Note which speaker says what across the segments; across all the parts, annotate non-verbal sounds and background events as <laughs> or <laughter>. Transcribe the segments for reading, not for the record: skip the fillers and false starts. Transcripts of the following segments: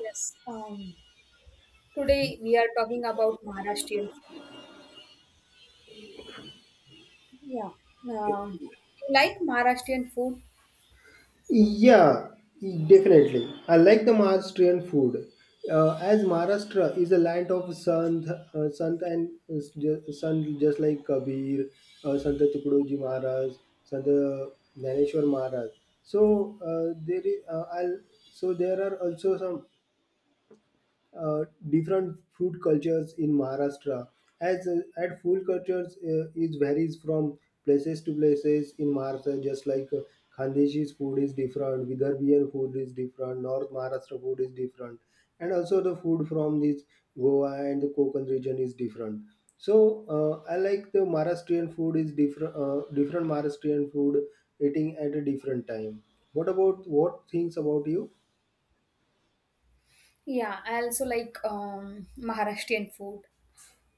Speaker 1: Yes. Today we are talking about Maharashtrian food. Yeah. Um, you like Maharashtrian food?
Speaker 2: Yeah, definitely. I like the Maharashtrian food. As Maharashtra is a land of Sant, Sant and Sant just like Kabir, Sant Tukudoji Maharaj, Sant Naneshwar Maharaj. So uh, there is, uh, I'll, so there are also some uh, different food cultures in Maharashtra. As at Food cultures is varies from places to places in Maharashtra. Just like Khandesi's food is different, Vidarbhian food is different, North Maharashtra food is different, and also the food from this Goa and the Konkan region is different. So I like the Maharashtrian food is different. Different Maharashtrian food eating at a different time. What about what things about you?
Speaker 1: Yeah, I also like Maharashtrian food.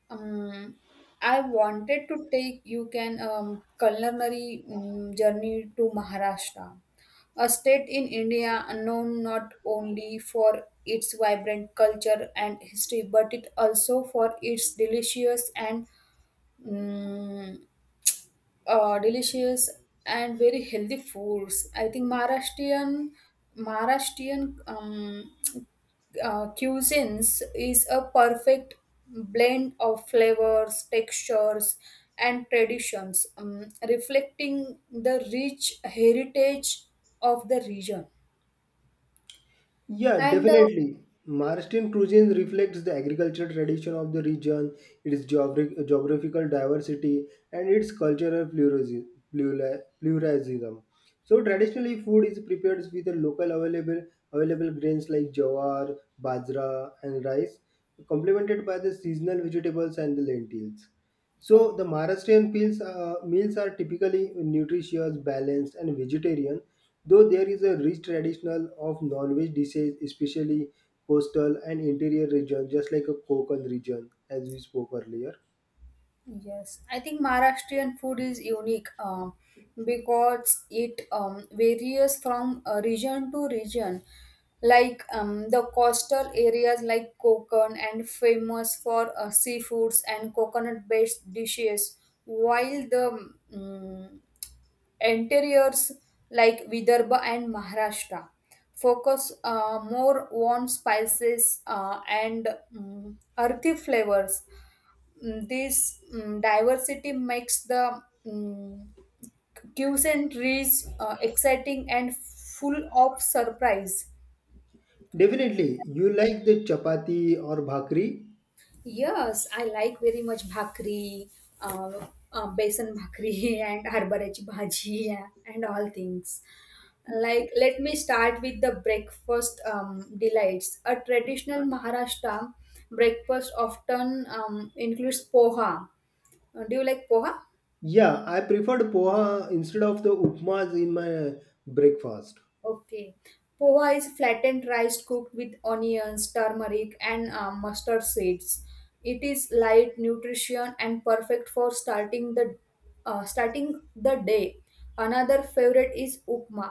Speaker 1: Um, I wanted to take you can culinary journey to Maharashtra, a state in India known not only for its vibrant culture and history, but it also for its delicious and um, delicious and very healthy foods. I think Maharashtrian cuisines is a perfect blend of flavors, textures, and traditions, reflecting the rich heritage of the region.
Speaker 2: Yeah,
Speaker 1: And
Speaker 2: definitely. Maharashtrian cuisine reflects the agricultural tradition of the region, its geographical diversity, and its cultural pluralism. So traditionally, food is prepared with the local available grains like jawar, bajra, and rice, complemented by the seasonal vegetables and the lentils.
Speaker 1: uh,
Speaker 2: So the Maharashtrian meals are typically nutritious, balanced, and vegetarian, though there is a rich traditional of non-veg dishes, especially coastal and interior region, just like a Konkan region, as we spoke earlier.
Speaker 1: Yes, I think Maharashtrian food is unique because it varies from region to region. Like the coastal areas like Konkan and famous for seafoods and coconut-based dishes, while the interiors like Vidarbha and Maharashtra focus more on spices and earthy flavors this diversity makes the and rich, exciting and full of surprise.
Speaker 2: Definitely, you like the chapati or bhakri?
Speaker 1: Yes, I like very much bhakri, besan bhakri <laughs> and harbarachi bhaji <laughs> yeah, and all things. Like, let me start with the breakfast delights. A traditional Maharashtra breakfast often includes poha. Do you like poha?
Speaker 2: Yeah, I preferred poha instead of the upmas in my breakfast.
Speaker 1: Okay. Poha is flattened rice cooked with onions, turmeric, and mustard seeds. It is light, nutrition, and perfect for starting the day. Another favorite is upma,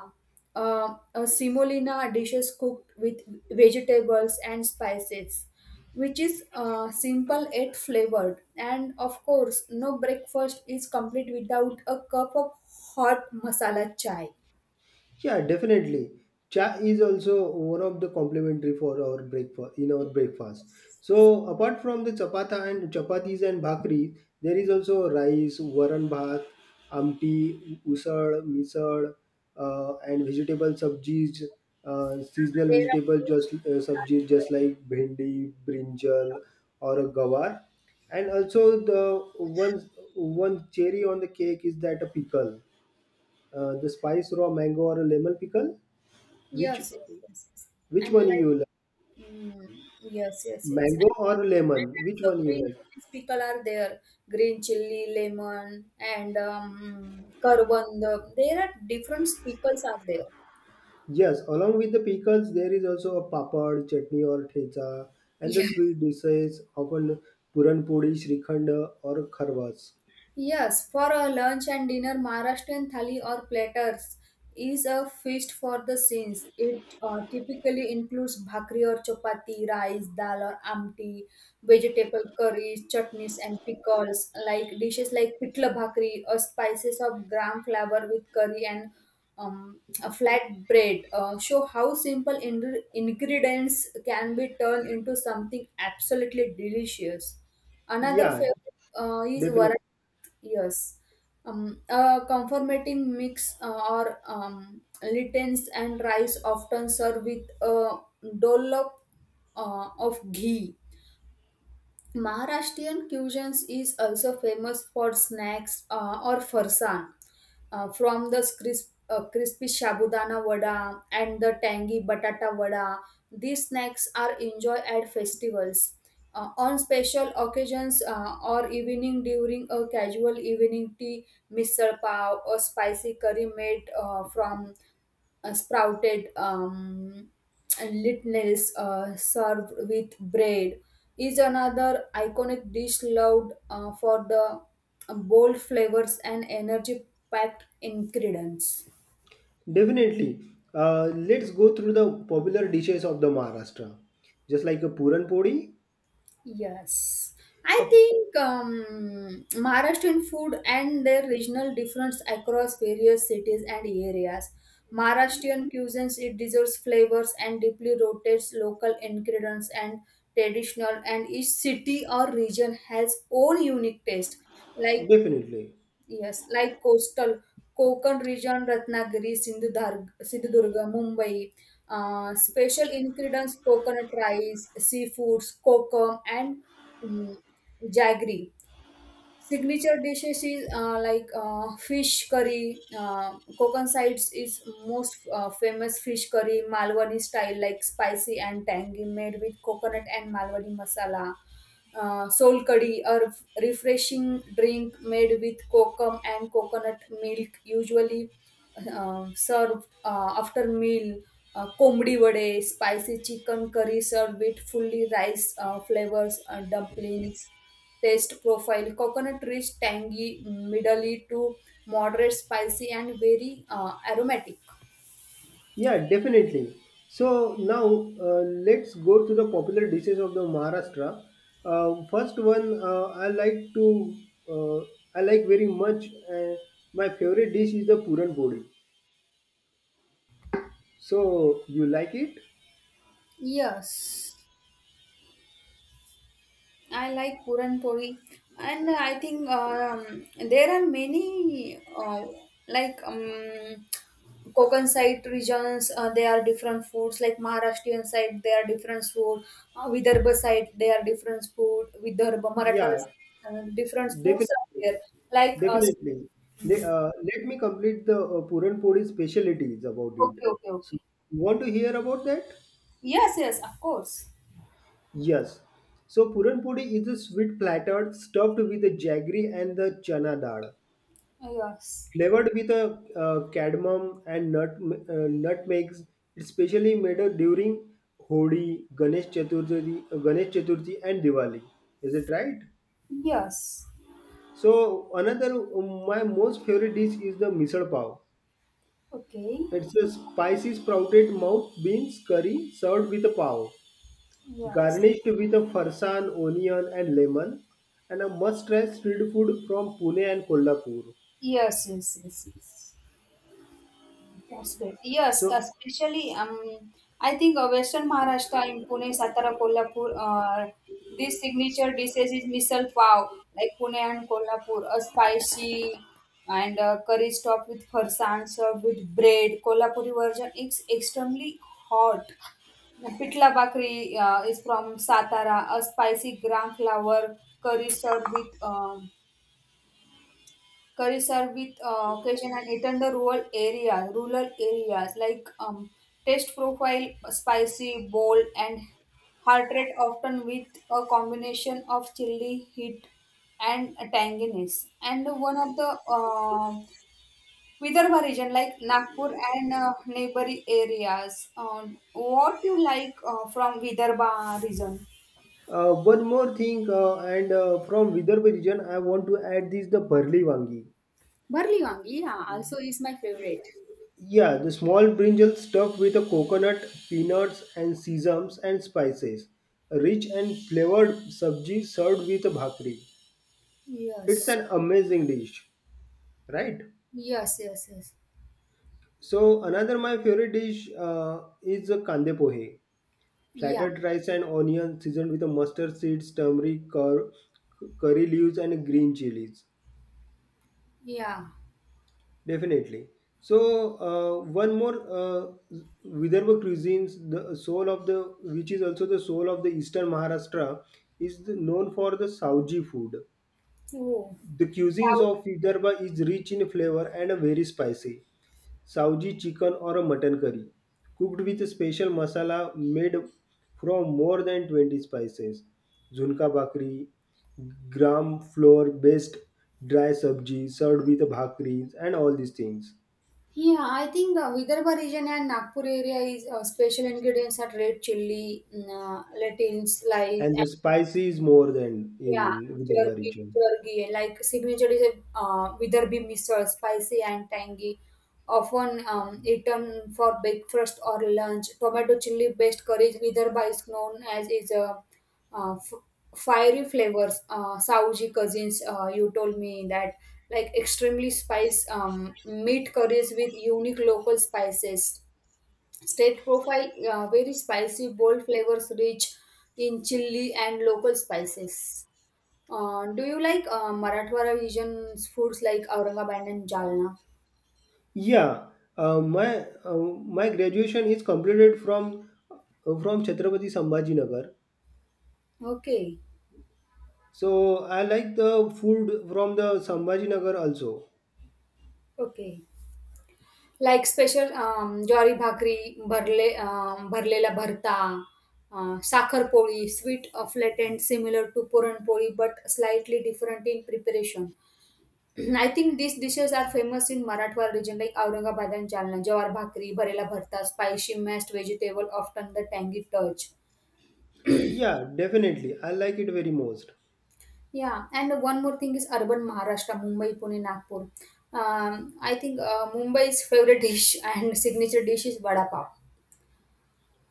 Speaker 1: a semolina dishes cooked with vegetables and spices, which is simple yet flavored. And of course, no breakfast is complete without a cup of hot masala chai.
Speaker 2: Yeah, definitely. Cha is also one of the complementary for our breakfast in our breakfast. So apart from the chapata and chapatis and bhakri, there is also rice, varan bhat, amti, usad, misad, and vegetable subjis, seasonal
Speaker 1: There are
Speaker 2: vegetables
Speaker 1: many
Speaker 2: just
Speaker 1: things are
Speaker 2: subjis just
Speaker 1: there.
Speaker 2: like bhendi, brinjal, or gawar. And also the one cherry on the cake is that a pickle the spice raw mango or a lemon pickle, which
Speaker 1: Yes, yes, yes, yes.
Speaker 2: which
Speaker 1: And
Speaker 2: one
Speaker 1: like,
Speaker 2: you like,
Speaker 1: mm, yes, yes, yes.
Speaker 2: mango
Speaker 1: And
Speaker 2: or lemon, which
Speaker 1: also
Speaker 2: one you
Speaker 1: green
Speaker 2: like?
Speaker 1: chilies pickle are there. Green chili, lemon, and coriander. There are different pickles are there.
Speaker 2: Yes, along with the pickles there is also a papad chutney or thecha, and the
Speaker 1: Yeah.
Speaker 2: sweet dishes often puran puri, shrikhand, or kharwas.
Speaker 1: Yes, for a lunch and dinner, Maharashtrian thali or platters is a feast for the saints. It typically includes bhakri or chapati, rice, dal or amti, vegetable curries, chutneys and pickles, like dishes like pitla bhakri or spices of gram flour with curry and a flat bread. Show how simple ingredients can be turned into something absolutely delicious. Another
Speaker 2: Yeah,
Speaker 1: favorite is
Speaker 2: definitely,
Speaker 1: variety. Yes. A conformating mix or littens and rice often served with a dollop of ghee Maharashtrian cuisine is also famous for snacks or farsan, from the crispy shabudana vada and the tangy batata vada. These snacks are enjoyed at festivals, on special occasions, or evening during a casual evening tea, misal pav, or spicy curry made from sprouted. And lentils served with bread is another iconic dish loved for the bold flavors and energy packed ingredients.
Speaker 2: definitely. Let's go through the popular dishes of the Maharashtra, just like a puran puri.
Speaker 1: Yes, I
Speaker 2: uh,
Speaker 1: think Maharashtrian food and their regional difference across various cities and areas. Maharashtrian cuisines it deserves flavors and deeply rotates local ingredients and traditional, and each city or region has own unique taste. Like
Speaker 2: Definitely.
Speaker 1: Yes, like coastal Konkan region, Ratnagiri, Sindhudurg, Sindhudurga, Mumbai. Special ingredients: coconut rice, seafoods, kokum, and mm jaggery. Signature dishes is fish curry. Konkan sides is most famous fish curry, Malwani style, like spicy and tangy, made with coconut and Malwani masala. Sol curry, a refreshing drink made with kokum and coconut milk, usually served after meal. कोंबडी वडे spicy chicken curry serve with fully flavors flavours dumplings taste profile coconut rich tangy middly to moderate spicy and very aromatic.
Speaker 2: Yeah, definitely. So now let's go to the popular dishes of the Maharashtra. First one I like to uh, I like very much. My favorite dish is the puran podi. So you like it?
Speaker 1: Yes, I like Puran Poli, and I think there are many like Konkan side regions, they are different foods. Like Maharashtrian side, they are different food. Vidarbha side, they are different food. Vidarbha, Marathwada,
Speaker 2: Yeah,
Speaker 1: different foods are
Speaker 2: definitely,
Speaker 1: there. Like
Speaker 2: definitely.
Speaker 1: mm,
Speaker 2: Let me complete the puran podi specialties about it.
Speaker 1: okay, okay,
Speaker 2: So
Speaker 1: okay.
Speaker 2: you want to hear about that?
Speaker 1: Yes, yes, of course.
Speaker 2: Yes. So puran puri is a sweet platter stuffed with the jaggery and the chana dal,
Speaker 1: Yes,
Speaker 2: flavored with a cardamom and nutmegs. It's specially made during Hodi, Ganesh Chaturthi, and Diwali. Is it right?
Speaker 1: yes.
Speaker 2: So another my most favorite dish is the misal pav.
Speaker 1: Okay.
Speaker 2: It's a spicy sprouted mouth beans curry served with a pav,
Speaker 1: Yes,
Speaker 2: garnished with a farsan, onion, and lemon, and a must-try street food from Pune and Kolhapur.
Speaker 1: yes, yes, yes, yes. That's great. Yes,
Speaker 2: So,
Speaker 1: especially I think Western Maharashtra in Pune, Satara, Kolhapur, this signature dishes is misal pav, like Pune and Kolhapur, a spicy and curry topped with farsan served with bread. Kolhapuri version is extremely hot. Pitla Bakri is from Satara, a spicy gram flour curry served with occasion and eaten the rural areas like taste profile spicy bold and heart rate often with a combination of chili heat and tanginess and one of the um Vidarbha region like Nagpur and neighboring areas what you like from Vidarbha region.
Speaker 2: one more thing, and from Vidarbha region, I want to add this the barli wangi.
Speaker 1: Barley Wangi, yeah, also is my favorite.
Speaker 2: Yeah, the small brinjal stuffed with a coconut, peanuts, and sesame and spices. A rich and flavored sabji served with a bhakri. It's
Speaker 1: Yes,
Speaker 2: an amazing dish, right?
Speaker 1: yes, yes, yes,
Speaker 2: So another my favorite dish is the kande pohe.
Speaker 1: yeah,
Speaker 2: Flattered rice and onion seasoned with mustard seeds, turmeric, curry leaves, and green chilies.
Speaker 1: yeah.
Speaker 2: Definitely. So one more Vidarbha cuisines, the soul of the which is also the soul of the eastern Maharashtra, is the, known for the sauji food. The cuisines
Speaker 1: South.
Speaker 2: of Vidarbha is rich in flavor and very spicy. Saoji chicken or a mutton curry, cooked with a special masala made from more than 20 spices. Junka bakri, gram flour based dry sabji served with bhakris and all these things.
Speaker 1: Yeah, I think Vidarbha region and Nagpur area is special ingredients are red chilli, lentils, slice,
Speaker 2: And the spicy is more than
Speaker 1: Yeah,
Speaker 2: in Vidarbha
Speaker 1: jerky,
Speaker 2: region.
Speaker 1: jerky, like signature is a Vidarbhi misal, spicy and tangy, often eaten for breakfast or lunch. Tomato chili based curry, Vidarbha is known as is a uh, f- fiery flavors. Sauji cousins, you told me that like extremely spice meat curries with unique local spices. State profile, very spicy, bold flavors rich in chili and local spices. Do you like Marathwada region's foods like Aurangabad and Jalna?
Speaker 2: Yeah, my graduation is completed from Chhatrapati Sambhaji Nagar.
Speaker 1: Okay,
Speaker 2: So I like the food from the Sambhaji Nagar also.
Speaker 1: okay. Like special ज्वारी भाकरी, भरले भरलेला भरता, साखरपोळी, sweet flattened similar to puran poli but slightly different in preparation. <clears throat> I think these dishes are famous in Marathwada region like Aurangabad and Jalna. Jawar bhakri, bharela bharta, spicy mashed vegetable, often the tangy touch.
Speaker 2: Yeah, definitely. I like it very most.
Speaker 1: Yeah, and one more thing is urban Maharashtra, Mumbai, Pune, Nagpur. I think Mumbai's favorite dish <laughs> and signature dish is vada pav.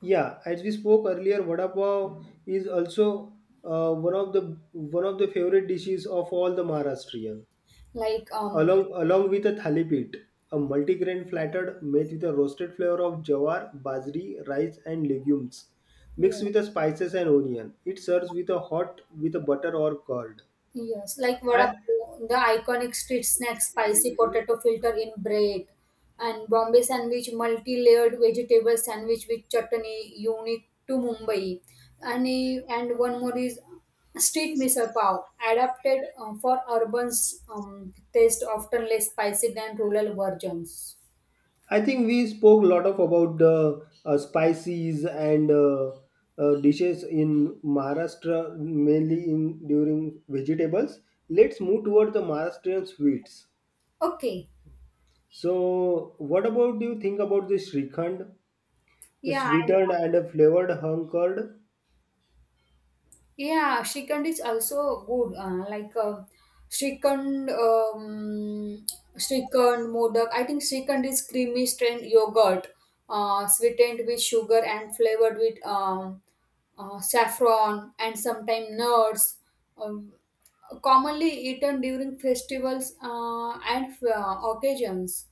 Speaker 2: Yeah, as we spoke earlier, vada pav is also one of the favorite dishes of all the Maharashtrian.
Speaker 1: Like
Speaker 2: Along with a thalipit, a multigrain flattered made with a roasted flavor of jawar, bajri, rice, and legumes, mixed with the spices and onion. It serves with a hot with a butter or curd.
Speaker 1: yes, like vada
Speaker 2: I
Speaker 1: pav, the iconic street snack, spicy potato filter in bread, and Bombay sandwich, multi-layered vegetable sandwich with chutney, unique to Mumbai. And and one more is street misal pav, adapted for urban taste, often less spicy than rural versions.
Speaker 2: I think we spoke a lot of about the spices and dishes in Maharashtra, mainly in during vegetables. Let's move toward the Maharashtrian sweets.
Speaker 1: Okay.
Speaker 2: So, what about do you think about the shrikhand, the
Speaker 1: Yeah, I know.
Speaker 2: sweetened and a flavored hung curd?
Speaker 1: Yeah, Srikhand is also good. Srikhand, Srikhand, Modak. I think Srikhand is creamy strained yogurt, sweetened with sugar and flavored with saffron and sometimes nuts. Um, commonly eaten during festivals and occasions.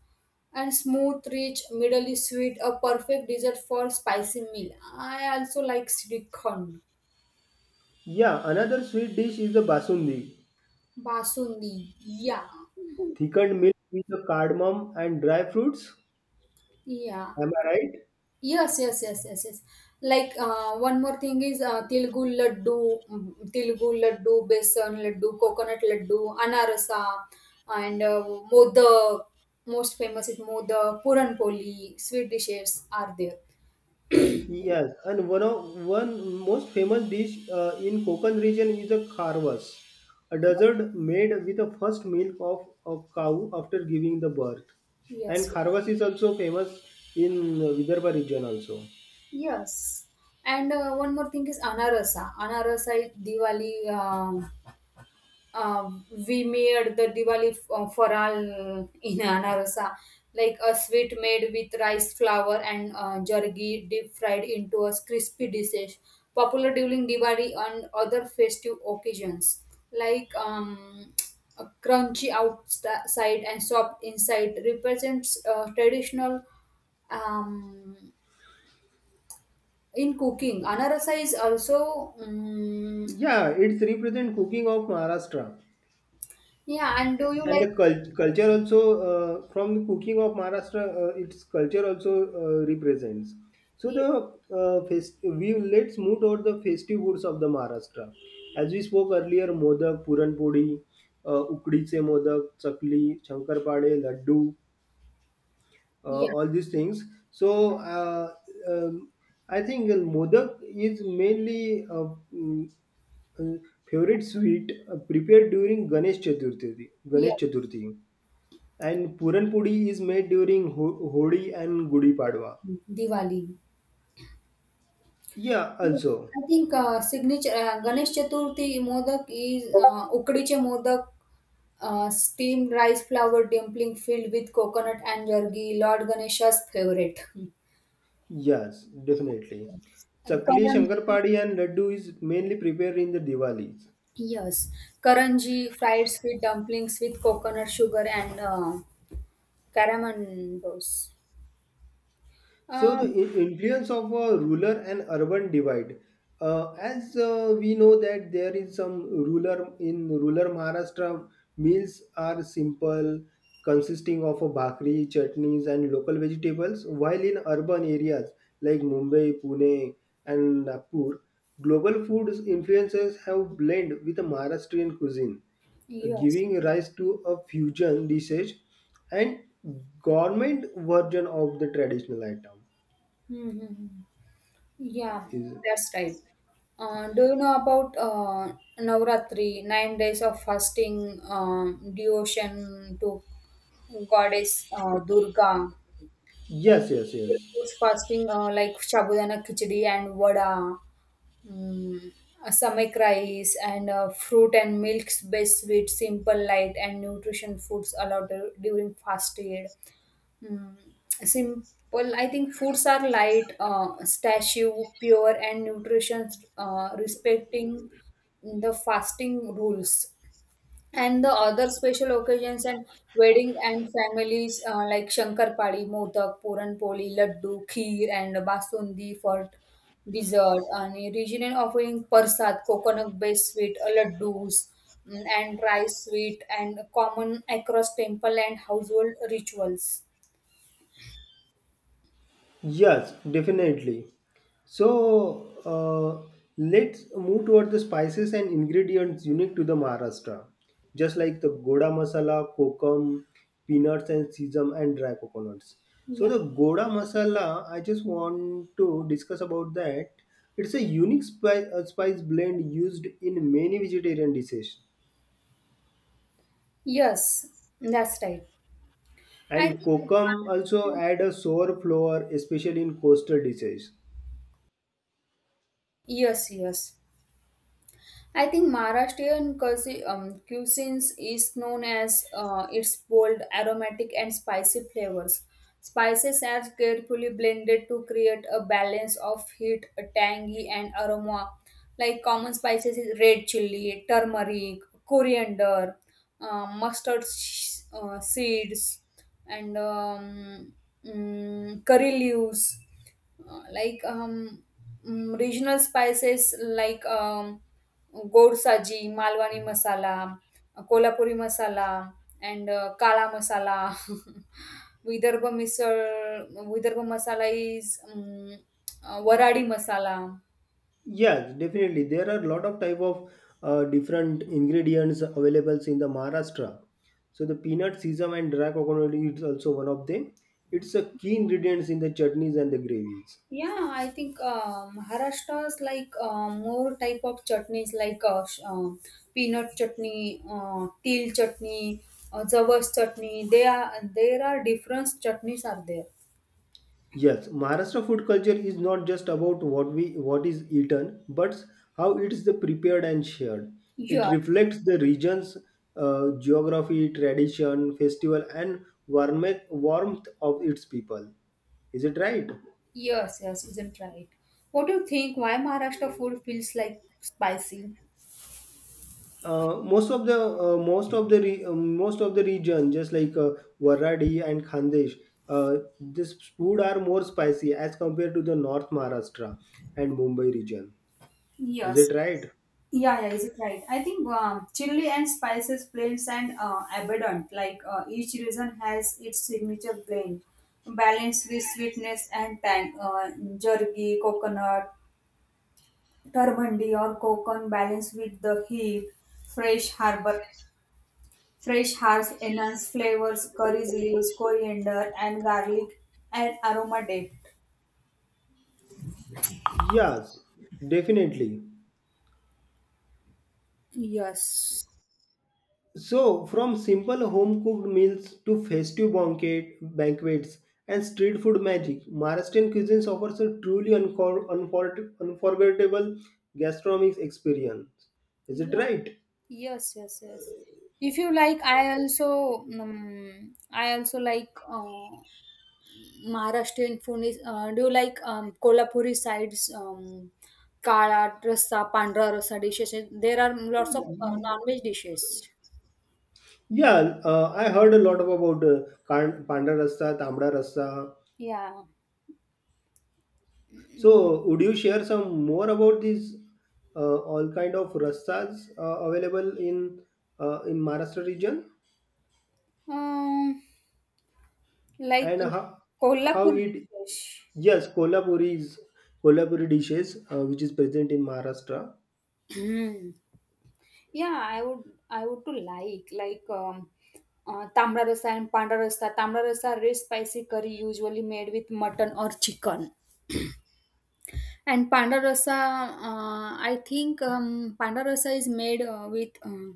Speaker 1: And smooth, rich, middle is sweet, a perfect dessert for spicy meal. I also like Srikhand.
Speaker 2: Yeah, another sweet dish is the basundi,
Speaker 1: Basundi. Yeah.
Speaker 2: thickened milk with the cardamom and dry fruits.
Speaker 1: Yeah.
Speaker 2: Am I right?
Speaker 1: Yes, yes, yes, yes, yes. Like one more thing is Tilgu laddu, Tilgu laddu, besan laddu, coconut laddu, anarasa, and modak. Most famous is modak, puran poli, sweet dishes are there.
Speaker 2: Yes, and one of one most famous dish in Konkan region is a kharvas, a dessert made with the first milk of a cow after giving the birth. And
Speaker 1: Yes,
Speaker 2: kharvas is also famous in Vidarbha region also.
Speaker 1: yes. And one more thing is anarasa. Anarasa is Diwali. Uh, we made the Diwali faral in Anarosa, like a sweet made with rice flour and jargi deep fried into a crispy dish, popular during Diwali and other festive occasions, like a crunchy outside and soft inside represents traditional um, in cooking. Anarasa is also,
Speaker 2: Yeah, it's represent cooking of Maharashtra.
Speaker 1: yeah. And do you
Speaker 2: And
Speaker 1: like?
Speaker 2: the culture also from the cooking of Maharashtra, its culture also represents. So
Speaker 1: Yeah,
Speaker 2: the we let's move toward the festive foods of the Maharashtra. As we spoke earlier, modak, puranpodi, ukdiche modak, chakli, shankarpade, laddu,
Speaker 1: yeah.
Speaker 2: all these things. So um, I think modak is mainly uh, favorite sweet prepared during Ganesh Chaturthi.
Speaker 1: Yeah.
Speaker 2: Ganesh Chaturthi, and Puran Pudi is made during Hodi and Gudi Padwa.
Speaker 1: Diwali.
Speaker 2: Yeah,
Speaker 1: Yes,
Speaker 2: also.
Speaker 1: I think signature Ganesh Chaturthi modak is ukadiche modak, steamed rice flour dumpling filled with coconut and jargi, Lord Ganesha's favorite.
Speaker 2: Yes, definitely.
Speaker 1: And
Speaker 2: Chakli,
Speaker 1: karanji,
Speaker 2: Shankarpadi and Laddu is mainly prepared in the Diwalis.
Speaker 1: yes, karanji fried sweet dumplings with coconut sugar and caramandos.
Speaker 2: So the
Speaker 1: Um,
Speaker 2: influence of a rural and urban divide. As we know that there is some rural in rural Maharashtra, meals are simple, consisting of a bhakri, chutneys, and local vegetables. While in urban areas like Mumbai, Pune, and Nagpur, global food influences have blended with the Maharashtrian cuisine,
Speaker 1: yes.
Speaker 2: giving rise to a fusion dishes and government version of the traditional item
Speaker 1: Mm-hmm. Yeah,
Speaker 2: is-
Speaker 1: that's right. Do you know about Navratri, 9 days of fasting, devotion to goddess Durga, like
Speaker 2: Yes, yes, yes.
Speaker 1: foods fasting like Shabudana Khichdi and Vada, Mm, a stomach rice and fruit and milks based sweet simple light and nutrition foods allowed during fasted. Aid mm, simple I think foods are light statue pure and nutrition respecting the fasting rules and the other special occasions and wedding and families like Shankarpadi, Modak, Puranpoli, Laddu, Kheer and Basundi for dessert. And regional offering Persad, coconut-based sweet, Laddus and rice sweet and common across temple and household rituals.
Speaker 2: Yes, definitely. So uh, let's move toward the spices and ingredients unique to the Maharashtra, just like the goda masala, kokum, peanuts and sesame and dry coconuts. So
Speaker 1: Yeah.
Speaker 2: the goda masala, I just want to discuss about that. It's a unique spice blend used in many vegetarian dishes,
Speaker 1: Yes, that's right. I
Speaker 2: and
Speaker 1: think
Speaker 2: kokum also
Speaker 1: Maharashtrian-
Speaker 2: add a sour flavor, especially in coastal dishes.
Speaker 1: Yes, yes. I think Maharashtrian cuisines is known as its bold, aromatic, and spicy flavors. Spices are carefully blended to create a balance of heat, tangy, and aroma. Like common spices is red chili, turmeric, coriander, seeds, and curry leaves. uh, like um, regional spices like gold saji, Malwani masala, Kolhapuri masala, and Kala masala. <laughs> Vidarbha misal, Vidarbha masala <laughs> is Waradi masala.
Speaker 2: Yes, definitely. There are a lot of type of different ingredients available in the Maharashtra. So the peanut, sesame, and dry coconut is also one of them. It's a key ingredients in the chutneys and the gravies.
Speaker 1: Yeah, I think Maharashtra's like more type of chutneys like peanut chutney, til chutney, javas chutney. They are there are different chutneys are there.
Speaker 2: Yes, Maharashtra food culture is not just about what we what is eaten, but how it is the prepared and shared. It
Speaker 1: Yeah,
Speaker 2: reflects the region's geography, tradition, festival, and warmth of its people. Is it right?
Speaker 1: yes, yes, isn't right. What do you think? Why Maharashtra food feels like spicy?
Speaker 2: Most of the re- Most of the region just like Waradi and Khandesh, this food are more spicy as compared to the North Maharashtra and Mumbai region, is
Speaker 1: Yes,
Speaker 2: it right?
Speaker 1: Yeah, yeah, is it right? I think chili and spices blends and abundant. Like each region has its signature blend, balanced with sweetness and tang. Jerky, coconut, turmandi or coconut balanced with the heat, fresh harbor, fresh herbs enhance flavors, curries leaves, coriander and garlic and aroma depth.
Speaker 2: Yes, definitely.
Speaker 1: Yes.
Speaker 2: So from simple home cooked meals to festive banquets and street food magic, Maharashtrian cuisines offers a truly unforgettable gastronomic experience, is it
Speaker 1: Yeah.
Speaker 2: right?
Speaker 1: Yes, yes, yes. If you like, I also like Maharashtrian food. Is, do you like Kolhapuri sides, kala, rasa, pandra rasa dishes? There are lots of non-veg dishes.
Speaker 2: Yeah, I heard a lot about Panda Rasta, Tamda Rasta.
Speaker 1: Yeah. Mm,
Speaker 2: So, would you share some more about these all kind of rastas available in Maharashtra region,
Speaker 1: Um, like
Speaker 2: and how
Speaker 1: Kolhapur
Speaker 2: it
Speaker 1: dishes.
Speaker 2: yes Kolhapuri is Kolhapuri dishes which is present in Maharashtra.
Speaker 1: Hmm. Yeah, I would to like tamra rasa and panda rasa. Tamra rasa rich spicy curry usually made with mutton or chicken. And panda rasa, I think panda is made with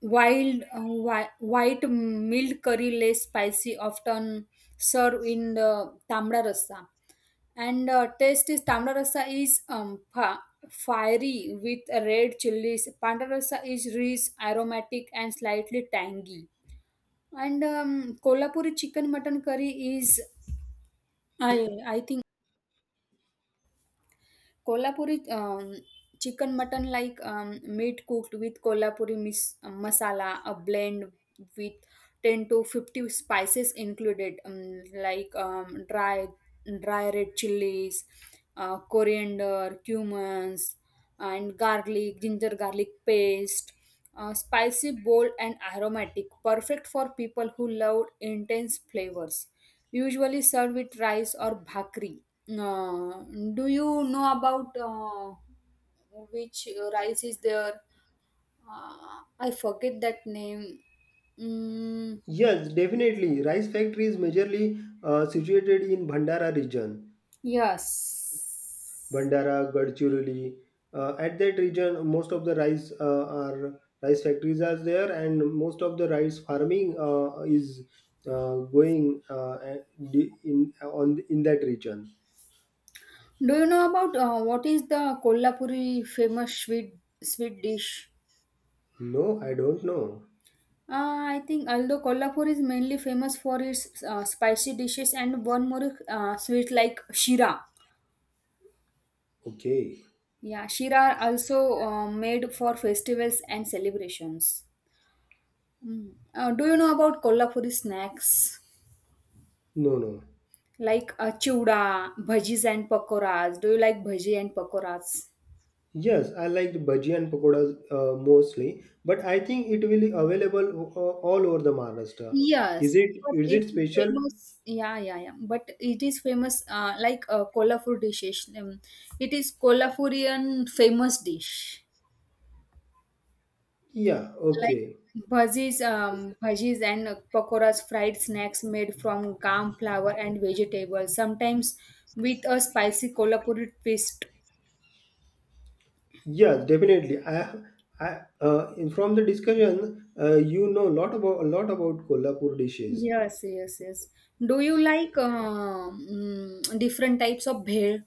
Speaker 1: wild white mild curry, less spicy, often served in the tamra rasa. And taste is tamra rasa is fiery with red chilies. Panda rasa is rich, aromatic, and slightly tangy. And Kolhapuri chicken mutton curry is, I think. Kolhapuri chicken mutton like meat cooked with Kolhapuri masala, a blend with 10 to 50 spices included like dry red chilies coriander cumins and garlic ginger garlic paste spicy bold and aromatic perfect for people who love intense flavors usually served with rice or bhakri. uh, do you know about which rice is there? I forget that name. mm,
Speaker 2: Yes, definitely. Rice factory is majorly situated in Bhandara region.
Speaker 1: Yes.
Speaker 2: Bandara, Gadchiroli. At that region, most of the rice are rice factories are there, and most of the rice farming is going on in that region.
Speaker 1: Do you know about what is the Kolhapuri famous sweet dish?
Speaker 2: No, I don't know.
Speaker 1: I think although Kolhapur is mainly famous for its spicy dishes and one more sweet like shira.
Speaker 2: Okay.
Speaker 1: Yeah, shira are also made for festivals and celebrations. Mm. Do you know about Kolhapuri snacks
Speaker 2: No, no.
Speaker 1: like chuda, bhajis and pakoras? Do you like bhaji and pakoras?
Speaker 2: Yes, I liked bhaji and pakodas mostly, but I think it will be available all over the Maharashtra. Is
Speaker 1: Yes,
Speaker 2: it?
Speaker 1: but
Speaker 2: Is
Speaker 1: it
Speaker 2: it
Speaker 1: is
Speaker 2: special?
Speaker 1: famous. Yeah, yeah, yeah. But it is famous, like Kolhapur dishes. It is Kolhapurian famous dish,
Speaker 2: Yeah.
Speaker 1: like
Speaker 2: Okay.
Speaker 1: bhajis, bhajis and pakoras, fried snacks made from gram flour and vegetables, sometimes with a spicy Kolhapuri twist.
Speaker 2: Yes, definitely. From the discussion, you know a lot about Kolhapur dishes.
Speaker 1: Yes, yes, yes. Do you like different types of bhel?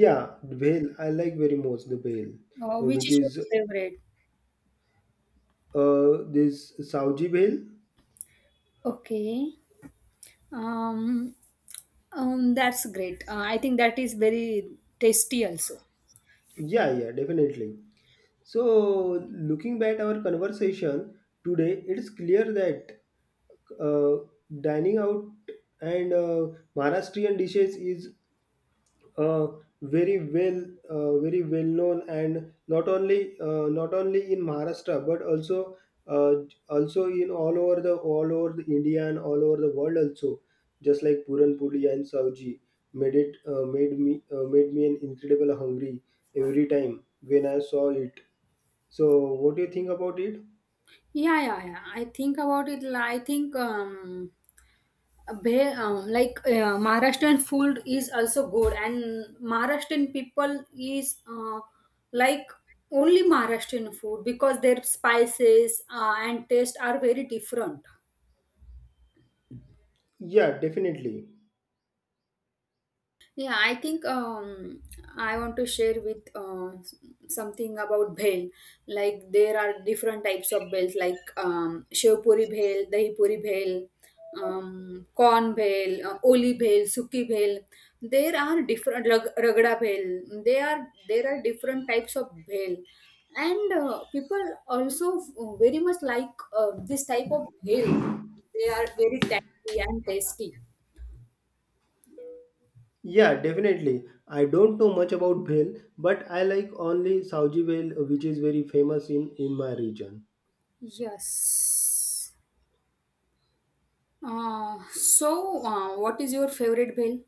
Speaker 2: Yeah, bhel. I like very much the bhel,
Speaker 1: Which
Speaker 2: which
Speaker 1: is your
Speaker 2: is
Speaker 1: favorite?
Speaker 2: this Saoji bhel.
Speaker 1: Okay. Um, that's great. I think that is very tasty also.
Speaker 2: Yeah, yeah, definitely. So, looking back our conversation today, it is clear that uh, dining out and Maharashtrian dishes is uh, very well known, and not only not only in Maharashtra, but also uh, also in all over the India and all over the world also, just like Puran Puli and Savji, made me an incredible hungry every time when I saw it. So what do you think about it?
Speaker 1: Yeah, yeah, yeah. I think about it. I think like Maharashtrian food is also good, and Maharashtrian people is like only Maharashtrian food because their spices and taste are very different.
Speaker 2: Yeah, definitely.
Speaker 1: Yeah, I think I want to share with something about bhel. Like there are different types of bhels, like shev bhel, dahi bhel, corn bhel, oli bhel, suki bhel. There are different ragda bhel. They are there are different types of bhel, and people also very much like this type of bhel. They are very tangy and tasty.
Speaker 2: Yeah, definitely. I don't know much about bhel, but I like only Savji bhel, which is very famous in my region.
Speaker 1: Yes. So, what is your favorite bill?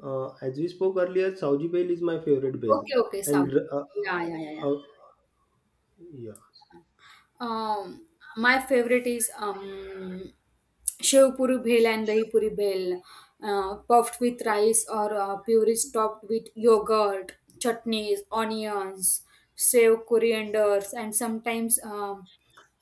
Speaker 2: As we spoke earlier, Sauji Bell is my favorite bell,
Speaker 1: Okay, okay, South.
Speaker 2: and
Speaker 1: Yeah, yeah, yeah, yeah.
Speaker 2: uh, uh, yeah,
Speaker 1: Um, my favorite is Shev Puri Bhel and Dahi Puri Bhel, puffed with rice or purees topped with yogurt, chutneys, onions, save corianders, and sometimes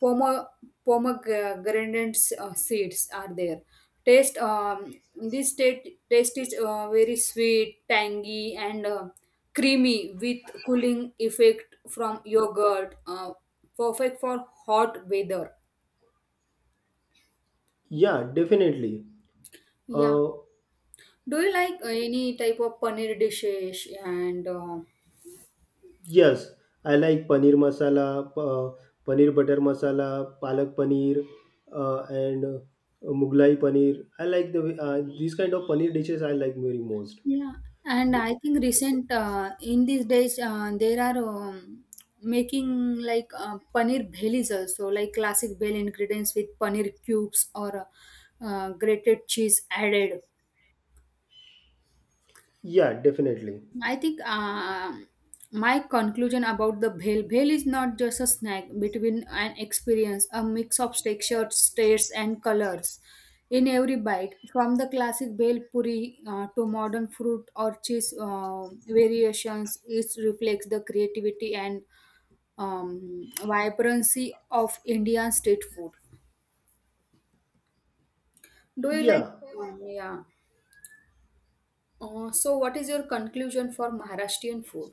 Speaker 1: Pome pomegranate seeds are there. Taste is very sweet, tangy, and creamy with cooling effect from yogurt. Perfect for hot weather.
Speaker 2: yeah, definitely.
Speaker 1: Yeah.
Speaker 2: Uh,
Speaker 1: Do you like any type of paneer dishes and
Speaker 2: yes, I like paneer masala, paneer butter masala, palak paneer, and Mughlai paneer. I like the these kind of paneer dishes. I like very most.
Speaker 1: Yeah, and
Speaker 2: The-
Speaker 1: I think recent in these days there are making like paneer bhelis also like classic bhel ingredients with paneer cubes or grated cheese added.
Speaker 2: yeah, definitely.
Speaker 1: I think my conclusion about the bhel is not just a snack between an experience, a mix of textures, tastes, and colors in every bite. From the classic bhel puri to modern fruit or cheese variations, it reflects the creativity and vibrancy of Indian street food. Do you like?
Speaker 2: Yeah,
Speaker 1: Yeah. So, what is your conclusion for Maharashtrian food?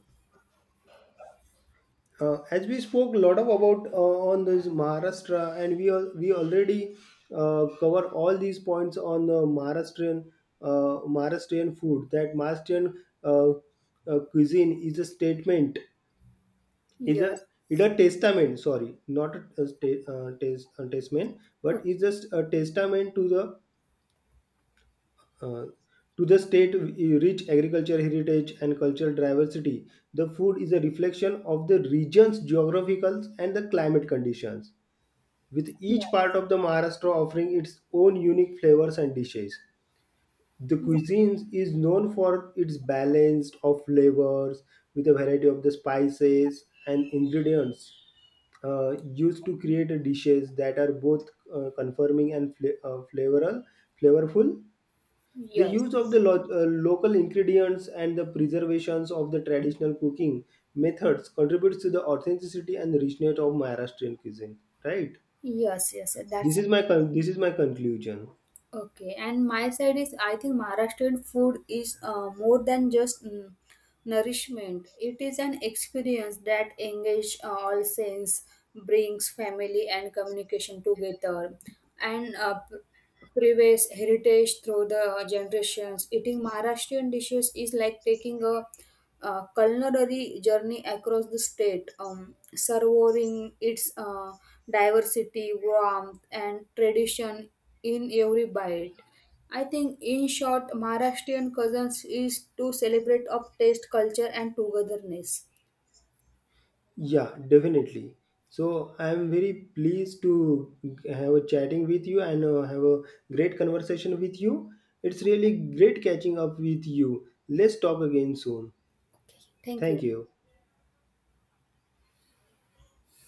Speaker 2: as we spoke a lot of about on this Maharashtra, and we already cover all these points on the Maharashtrian Maharashtrian food. That Maharashtrian uh, cuisine is a statement, is a
Speaker 1: Yes.
Speaker 2: is a testament. Sorry, not a testament, but
Speaker 1: Okay.
Speaker 2: it's just a testament uh, to the state rich agriculture heritage and cultural diversity. The food is a reflection of the region's geographical and the climate conditions, with each part
Speaker 1: Yes.
Speaker 2: of the Maharashtra offering its own unique flavors and dishes. The cuisine is known for its balance of flavors, with a variety of the spices and ingredients used to create dishes that are both confirming and flavorful. The use of the
Speaker 1: Yes,
Speaker 2: local ingredients and the preservations of the traditional cooking methods contributes to the authenticity and the richness of Maharashtrian cuisine. Right.
Speaker 1: yes, yes. yes, That's
Speaker 2: This is my conclusion.
Speaker 1: okay. And my side is, I think Maharashtrian food is more than just nourishment. It is an experience that engages all sense, brings family and communication together, and prevails heritage through the generations. Eating Maharashtrian dishes is like taking a culinary journey across the state, savoring its diversity, warmth, and tradition in every bite. I think, in short, Maharashtrian cousins is to celebrate of taste, culture, and togetherness.
Speaker 2: Yeah, definitely. So I am very pleased to have a chatting with you and have a great conversation with you. It's really great catching up with you. Let's talk again soon.
Speaker 1: Thank
Speaker 2: Thank
Speaker 1: you.
Speaker 2: you.